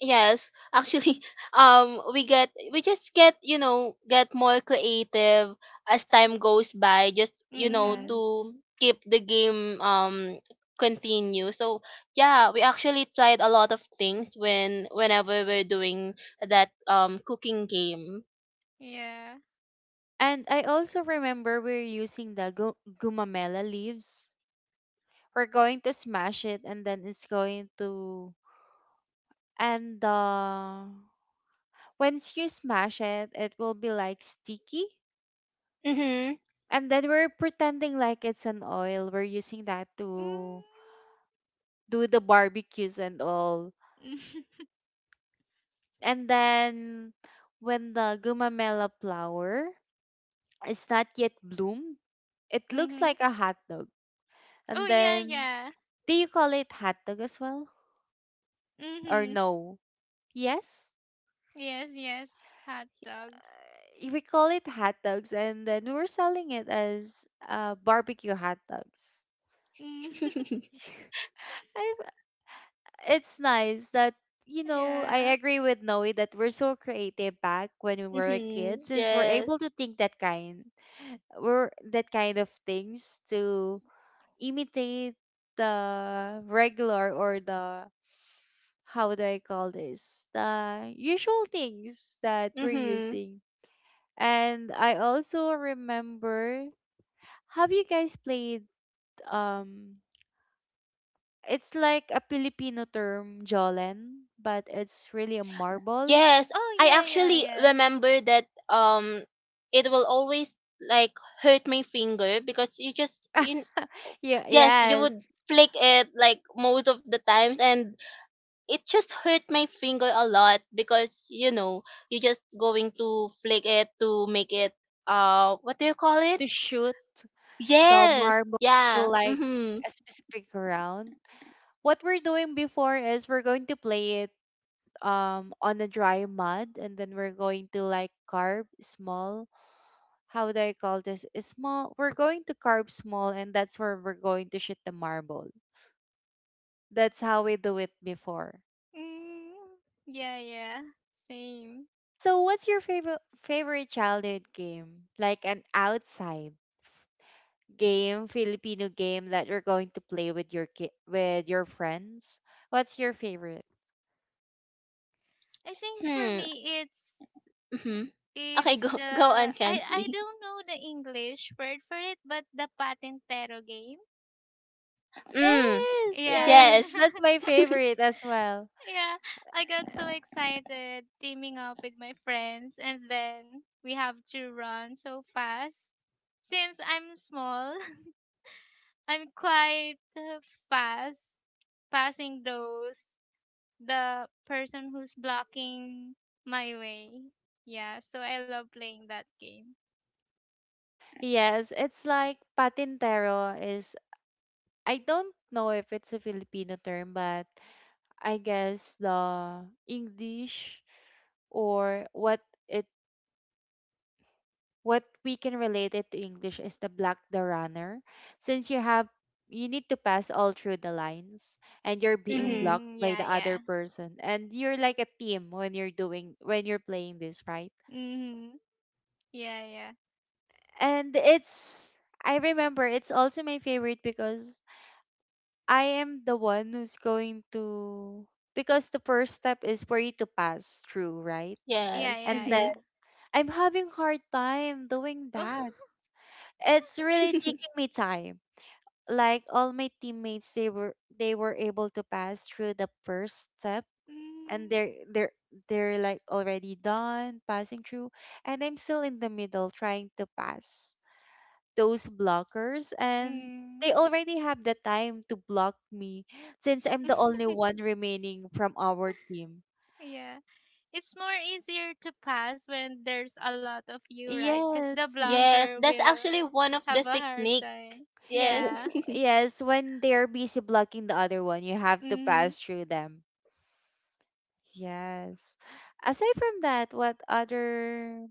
Yes, actually, <laughs> um, we get we just get you know get more creative as time goes by, just you know
Mm-hmm.
Yes.
to keep the game um continue. So yeah, we actually tried a lot of things when whenever we're doing that um cooking game.
Yeah.
And I also remember we're using the gu- gumamela leaves. We're going to smash it and then it's going to and uh once you smash it, it will be like sticky.
Mhm.
And then we're pretending like it's an oil. We're using that to
Mm-hmm.
do the barbecues and all. And then when the gumamela flower is not yet bloomed, it
<laughs>
looks
Mm-hmm.
like a hot dog.
Oh,
And
yeah,
then
yeah.
do you call it hot dog as well, or
Mm-hmm.
no? Yes,
Yes, yes. Hot dogs.
we call it hot dogs, and then we were selling it as uh, barbecue hot dogs.
Mm.
<laughs>
<laughs> I, it's nice that you
<laughs>
know
Yeah.
I agree with Noe that we're so creative back when we were a
Mhm.
kid, since we're able
Yes.
to think that kind, we're that kind of things to imitate the regular or the how do I call this the usual things that we're
Mhm.
using. And I also remember, have you guys played um it's like a Filipino term, jolen, but it's really a marble.
Yes,
Oh,
I
yeah, yeah,
actually
yes.
remember that um it will always like hurt my finger, because you just in.
<laughs> yeah,
Yes, you would
yes,
flick it like most of the times, and it just hurt my finger a lot because you know, you're just going to flick it to make it uh what do you call it?
to shoot the
Yes.
marble to
Yeah.
like
Mhm.
a specific round. What we're doing before is we're going to play it um on a dry mud and then we're going to like carve small. How do I call this? Is small. We're going to carve small, and that's where we're going to shoot the marble. That's how we do it before.
Mm. Yeah, yeah. Same.
So, what's your favorite favorite childhood game? Like an outside game, Filipino game that you're going to play with your ki- with your friends. What's your favorite?
I think for
Hmm.
me, it's
Mhm. Okay,
it's
go <laughs> go on,
the I I
Chansley.
don't know the English word for it, but the patentero game.
Mm.
Yes,
Yeah.
yes,
Yes.
<laughs>
that's my favorite as well.
Yeah. I got so excited teaming up with my friends and then we have to run so fast. Since I'm small, <laughs> I'm quite uh, fast passing those the person who's blocking my way. Yeah, so I love playing that game.
Yes, it's like patintero is, I don't know if it's a Filipino term, but I guess the English, or what it, what we can relate it to English is the black the runner. Since you have, you need to pass all through the lines and you're being
Mhm.
blocked
Mm,
by
yeah,
the
yeah.
other person and you're like a team when you're doing when you're playing this, right?
Mhm. Yeah, yeah.
And it's, I remember it's also my favorite because I am the one who's going to, because the first step is for you to pass through, right?
Yeah,
Yes.
And then
Mhm.
yeah,
I'm having hard time doing
yeah.
that.
<laughs>
It's really taking
<laughs>
me time. Like all my teammates, they were they were able to pass through the first step,
Mm,
and they're they're they're like already done passing through, and I'm still in the middle trying to pass those blockers, and
mm.
they already have the time to block me since I'm the only
<laughs>
one remaining from our team.
Yeah. It's more easier to pass when there's a lot of you, right? Because the
Yes, yes.
yes,
blocker
that's
will
actually one of the
have a hard
techniques.
time.
Yes.
W-
Yeah.
<laughs>
Yes, when they're busy blocking the other one, you have to
Mm-hmm.
pass through them. Yes. Aside from that, what other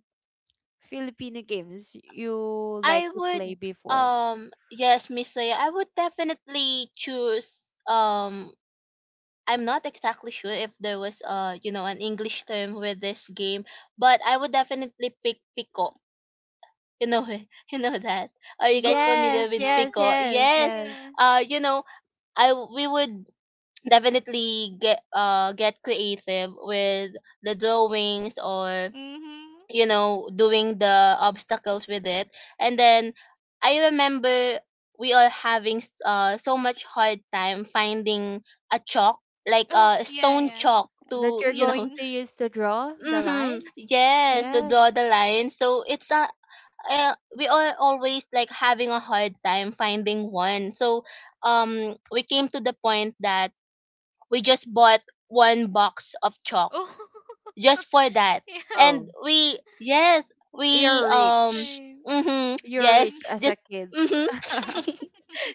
Filipino games you
I
like to play
would
before?
um yes, Miss Soya, I would definitely choose um I'm not exactly sure if there was uh you know an English term with this game, but I would definitely pick Pico. You know it. <laughs> You know that. Are you guys familiar
Yes,
with
Oh,
yes,
Pico?
yes,
Yes.
yeah, yeah,
yes.
yeah.
Uh you know, I we would definitely get uh get creative with the drawings, or
Mm-hmm.
you know doing the obstacles with it. And then I remember we are having s- uh, so much hard time finding a chalk, like
Oh,
a
yeah,
stone
yeah.
chalk
That
to
you're
you know
going
Mm-hmm.
to use to draw
<laughs>
the
hmm
lines?
yes to
Yes.
draw
Mm.
the line. So it's a uh, we are always like having a hard time finding one. So um we came to the point that we just bought one box of chalk
Oh,
just for that.
<laughs> yeah,
And
Oh.
we yes, we
You're
yeah,
um
rich.
same.
mhm
You're
Mm,
yes,
rich as a
just
kid.
mhm.
<laughs>
<laughs>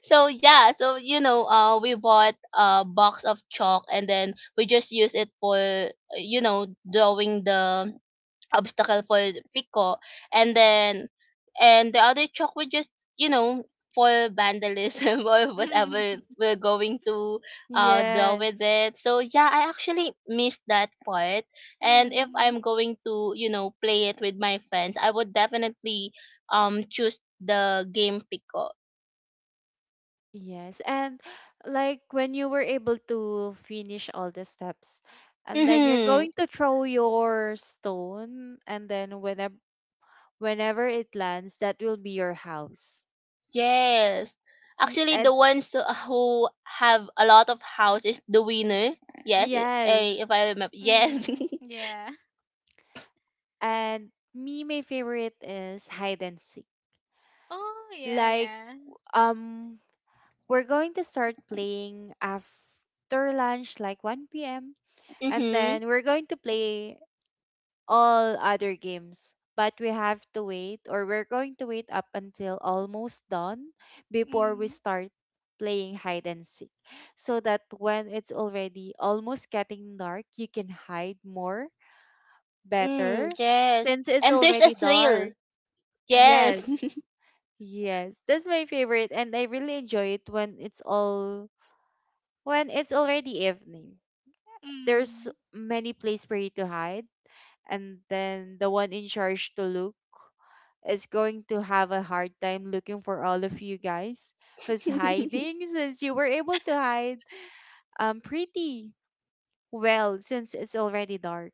So yeah, so you know, uh we bought a box of chalk, and then we just use it for uh, you know, drawing the obstacle for Pico. And then and the other chalk would just you know for vandalism, <laughs> or whatever
mm,
we're going to uh draw with
Yes.
it. So yeah, I actually missed that part.
<laughs>
And if
mm,
I'm going to you know play it with my friends, I would definitely um choose the game Pico.
Yes. And like when you were able to finish all the steps and then you're
Mm-hmm.
going to throw your stone, and then whenever, whenever it lands, that will be your house.
Yes.
Y-
Actually, the
And
ones who who have a lot of houses, the winner. Yes, i-
yes.
eh, if I remember. Yes.
mm,
<laughs>
yeah.
And me, my favorite is hide and seek.
Oh, yeah,
Like
yeah.
um we're going to start playing after lunch like one p m, and
Mhm.
then we're going to play all other games, but we have to wait, or we're going to wait up until almost dawn before we
Mm,
start playing hide and seek, so that when it's already almost getting dark you can hide more
Mm,
better
yes.
since it's
And there's a
already dark.
thrill.
Yes,
Yes. <laughs>
yes, that's my favorite, and I really enjoy it when it's all, when it's already evening, there's
mm.
many place for you to hide, and then the one in charge to look is going to have a hard time looking for all of you guys who's hiding, since you were able to hide um pretty well since it's already dark.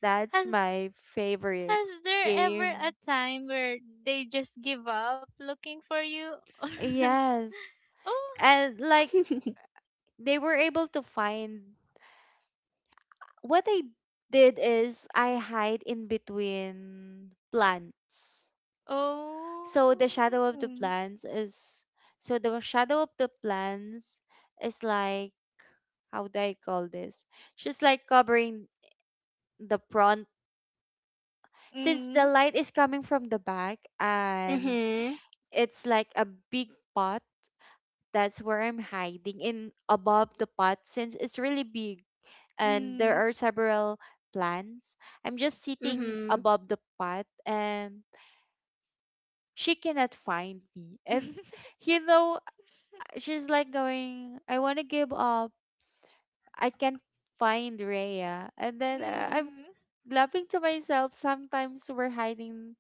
That's
Has
my favorite
Has there ever a
game.
time where they just give up looking for you? <laughs>
Yes.
Or
And like they were able to find, what I did is I hide in between plants.
oh,
So the shadow of the
oh,
plants is, so the shadow of the plants is like, how do I call this? She's like covering the front since
mm,
the light is coming from the back, and
Mhm.
it's like a big pot. That's where I'm hiding in above the pot since it's really big and there
mm,
are several plants. I'm just sitting
Mhm.
above the pot and she cannot find me. And
<laughs>
you know, she's like going, I want to give up. I can't find Rhea. And then uh, I'm
mm,
laughing to myself. Sometimes we're hiding,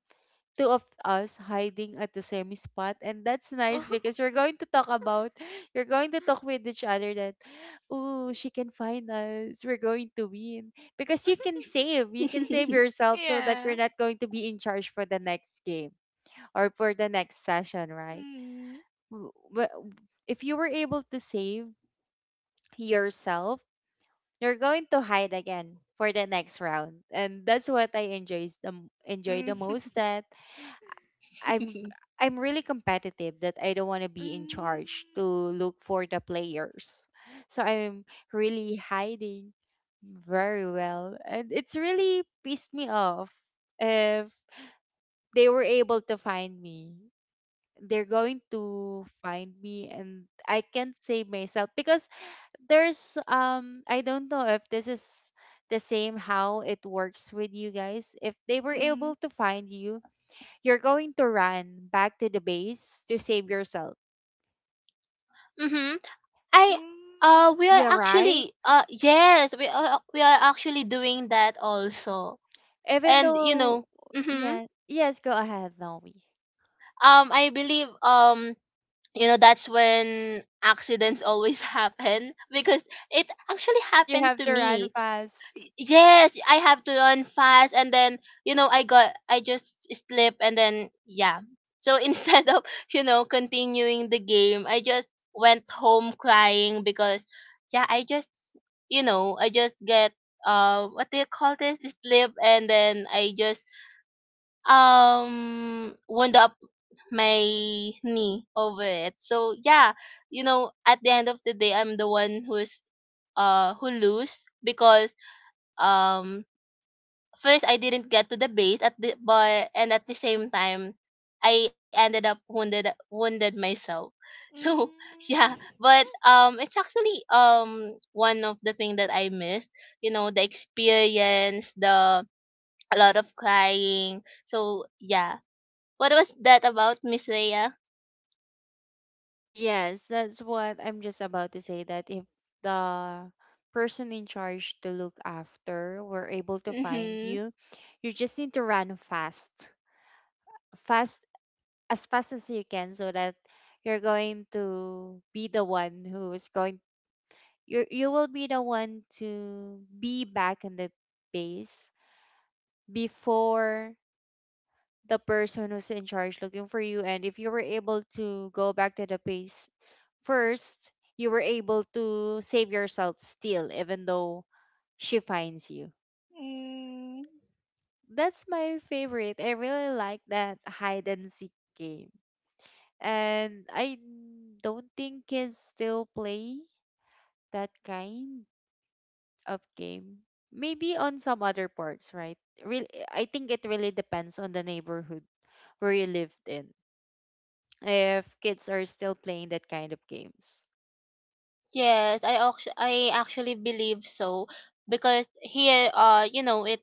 two of us hiding at the same spot. And that's nice
oh,
because you're going to talk about, <gasps> <laughs> you're going to talk with each other that, oh, she can find us, we're going to win. Because you can save, you can save yourself so that you're
yeah,
not going to be in charge for the next game or for the next session, right?
mm,
W- w- If you were able to save yourself, you're going to hide again for the next round. And that's what I enjoy the m- enjoy
mm,
the
<laughs>
most, that I'm I'm really competitive that I don't want to be in charge
mm,
to look for the players. So I'm really hiding very well, and it's really pissed me off if they were able to find me. They're going to find me and I can't save myself because there's um I don't know if this is the same how it works with you guys. If they were
mm,
able to find you, you're going to run back to the base to save yourself.
Mhm. <laughs> I
mm,
uh we are
Yeah, right?
actually uh yes, we are we are actually doing that also.
Even
And you
though,
know, mhm.
yeah, yes, go ahead, Nomi.
Um I believe um you know that's when accidents always <laughs> happen, because it actually
<laughs> You
happened
have
to
to run
me.
fast.
Yes, I have to run fast. And then you know i got I just slip. And then yeah, so <laughs> instead of you know continuing the game, I just went home crying, because yeah, I just you know I just get uh what do you call this, slip. And then I just um wound up my knee over it. So yeah, you know, at the end of the day, I'm the one who's uh who lose, because um first I didn't get to the base at the but. And at the same time, I ended up wounded wounded myself. <laughs> So yeah,
mm, <laughs>
but um it's actually um one of the thing that I missed, you know, the experience, the a lot of crying. So yeah. What was that about, Miss Rhea?
Yes, that's what I'm just about to say that if the person in charge to look after were able to find
Mm-hmm.
you, you just need to run fast, fast, as fast as you can, so that you're going to be the one who is going, you you will be the one to be back in the base before the person who's in charge looking for you. And if you were able to go back to the base first, you were able to save yourself still even though she finds you.
mm,
That's my favorite, I really like that hide and seek game. And I don't think kids still play that kind of game. Maybe on some other parts, right? Really, I think it really depends on the neighborhood where you lived in, if kids are still playing that kind of games.
Yes, I actually I actually believe so, because here uh you know it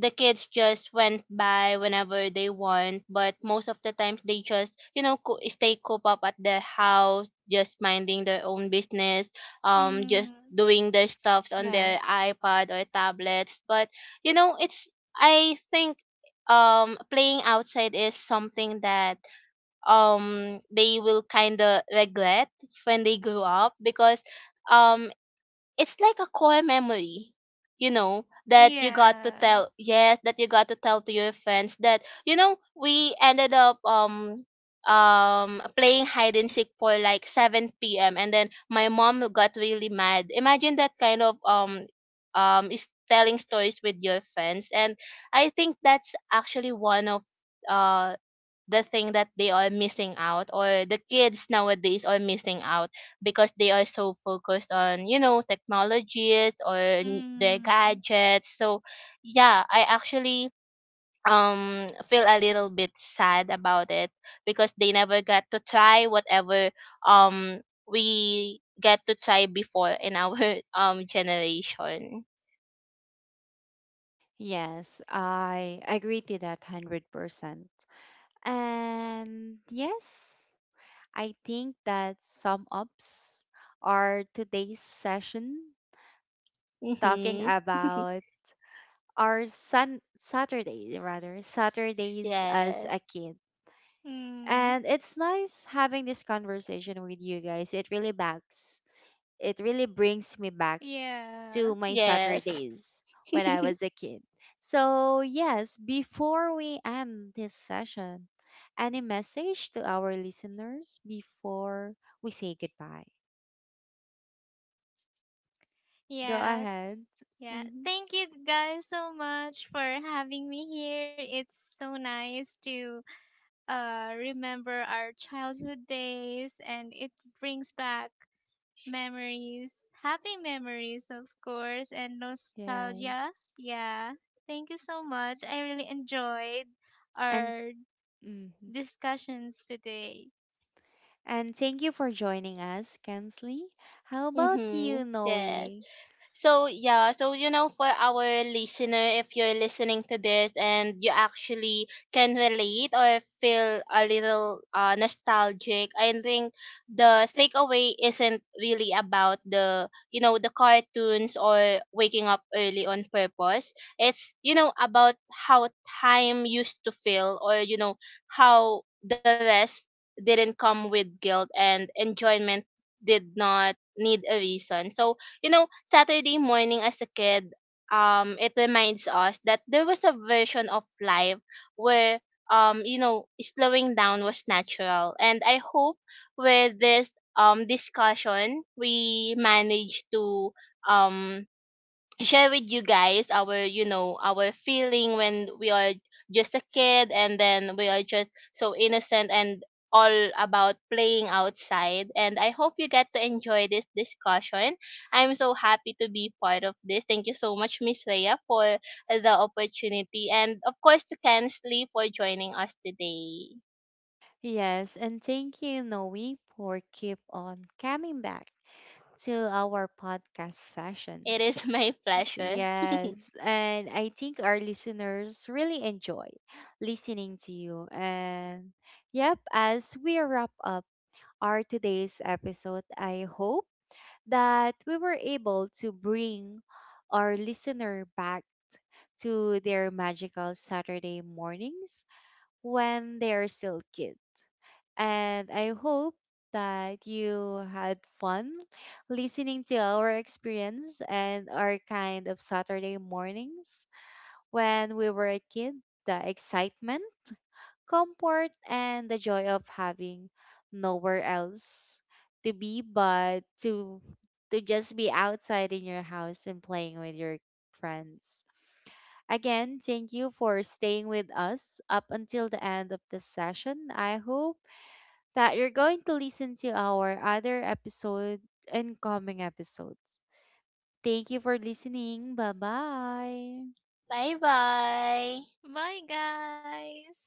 the kids just went by whenever they want, but most of the times they just you know co- stay coop up at their house, just minding their own business, um just
mm,
doing their stuffs on their
Yes.
iPad or tablets. But you know it's I think um playing outside is something that um they will kind of regret when they grow up. Because um it's like a core memory, you know, that you got to
yeah,
tell, yes, that you got to tell to your friends, that you know we ended up um um playing hide and seek for like seven p m, and then my mom got really mad. Imagine that kind of um um is telling stories with your friends. And I think that's actually one of uh the thing that they are missing out, or the kids nowadays are missing out, because they are so focused on you know technologies or n- their
mm,
gadgets. So yeah, I actually um feel a little bit sad about it, because they never got to try whatever um we get to try before in our <laughs> um generation.
Yes, I agree to that one hundred percent. And yes, I think that sum ups are today's session talking
Mhm. <laughs>
about our sun Saturday, rather Saturdays as a
Yes.
kid.
mm,
And it's nice having this conversation with you guys. It really backs it really brings me back to
yeah.
my
Yes.
Saturdays when I
<laughs>
was a kid. So yes, before we end this session, any message to our listeners before we say goodbye? Go
Yeah,
ahead.
yeah,
Hmm.
thank you guys so much for having me here. It's so nice to uh remember our childhood days and it brings back memories, happy memories of course and
Yes.
nostalgia. Yeah. Thank you so much. I really enjoyed
And
our
mhm.
discussions today.
And thank you for joining us, Kensley. How about
Mhm.
you, Noe?
Yes. So yeah, so you know, for our listener, if you're listening to this and you actually can relate or feel a little uh, nostalgic, I think the takeaway isn't really about the you know the cartoons or waking up early on purpose. It's you know about how time used to feel, or you know how the rest didn't come with guilt, and enjoyment did not need a reason. So you know, Saturday morning as a kid, um, it reminds us that there was a version of life where um, you know, slowing down was natural. And I hope with this um discussion we manage to um share with you guys our you know our feeling when we are just a kid, and then we are just so innocent, and all about playing outside. And I hope you get to enjoy this discussion. I'm so happy to be part of this. Thank you so much, Miss Leia, for the opportunity, and of course to Kensley for joining us today.
Yes, and thank you, Noe, for keep on coming back to our podcast
It
sessions.
is <laughs> my
Uh,
pleasure. <laughs>
Yes, and I think our listeners really enjoy listening to you. And yep, as we wrap up our today's episode, I hope that we were able to bring our listener back to their magical Saturday mornings when they are still kids. And I hope that you had fun listening to our experience and our kind of Saturday mornings when we were a kid, the excitement, comfort, and the joy of having nowhere else to be but to to just be outside in your house and playing with your friends. Again, thank you for staying with us up until the end of this session. I hope that you're going to listen to our other episode and coming episodes. Thank you for listening. Bye bye.
Bye bye.
Bye guys.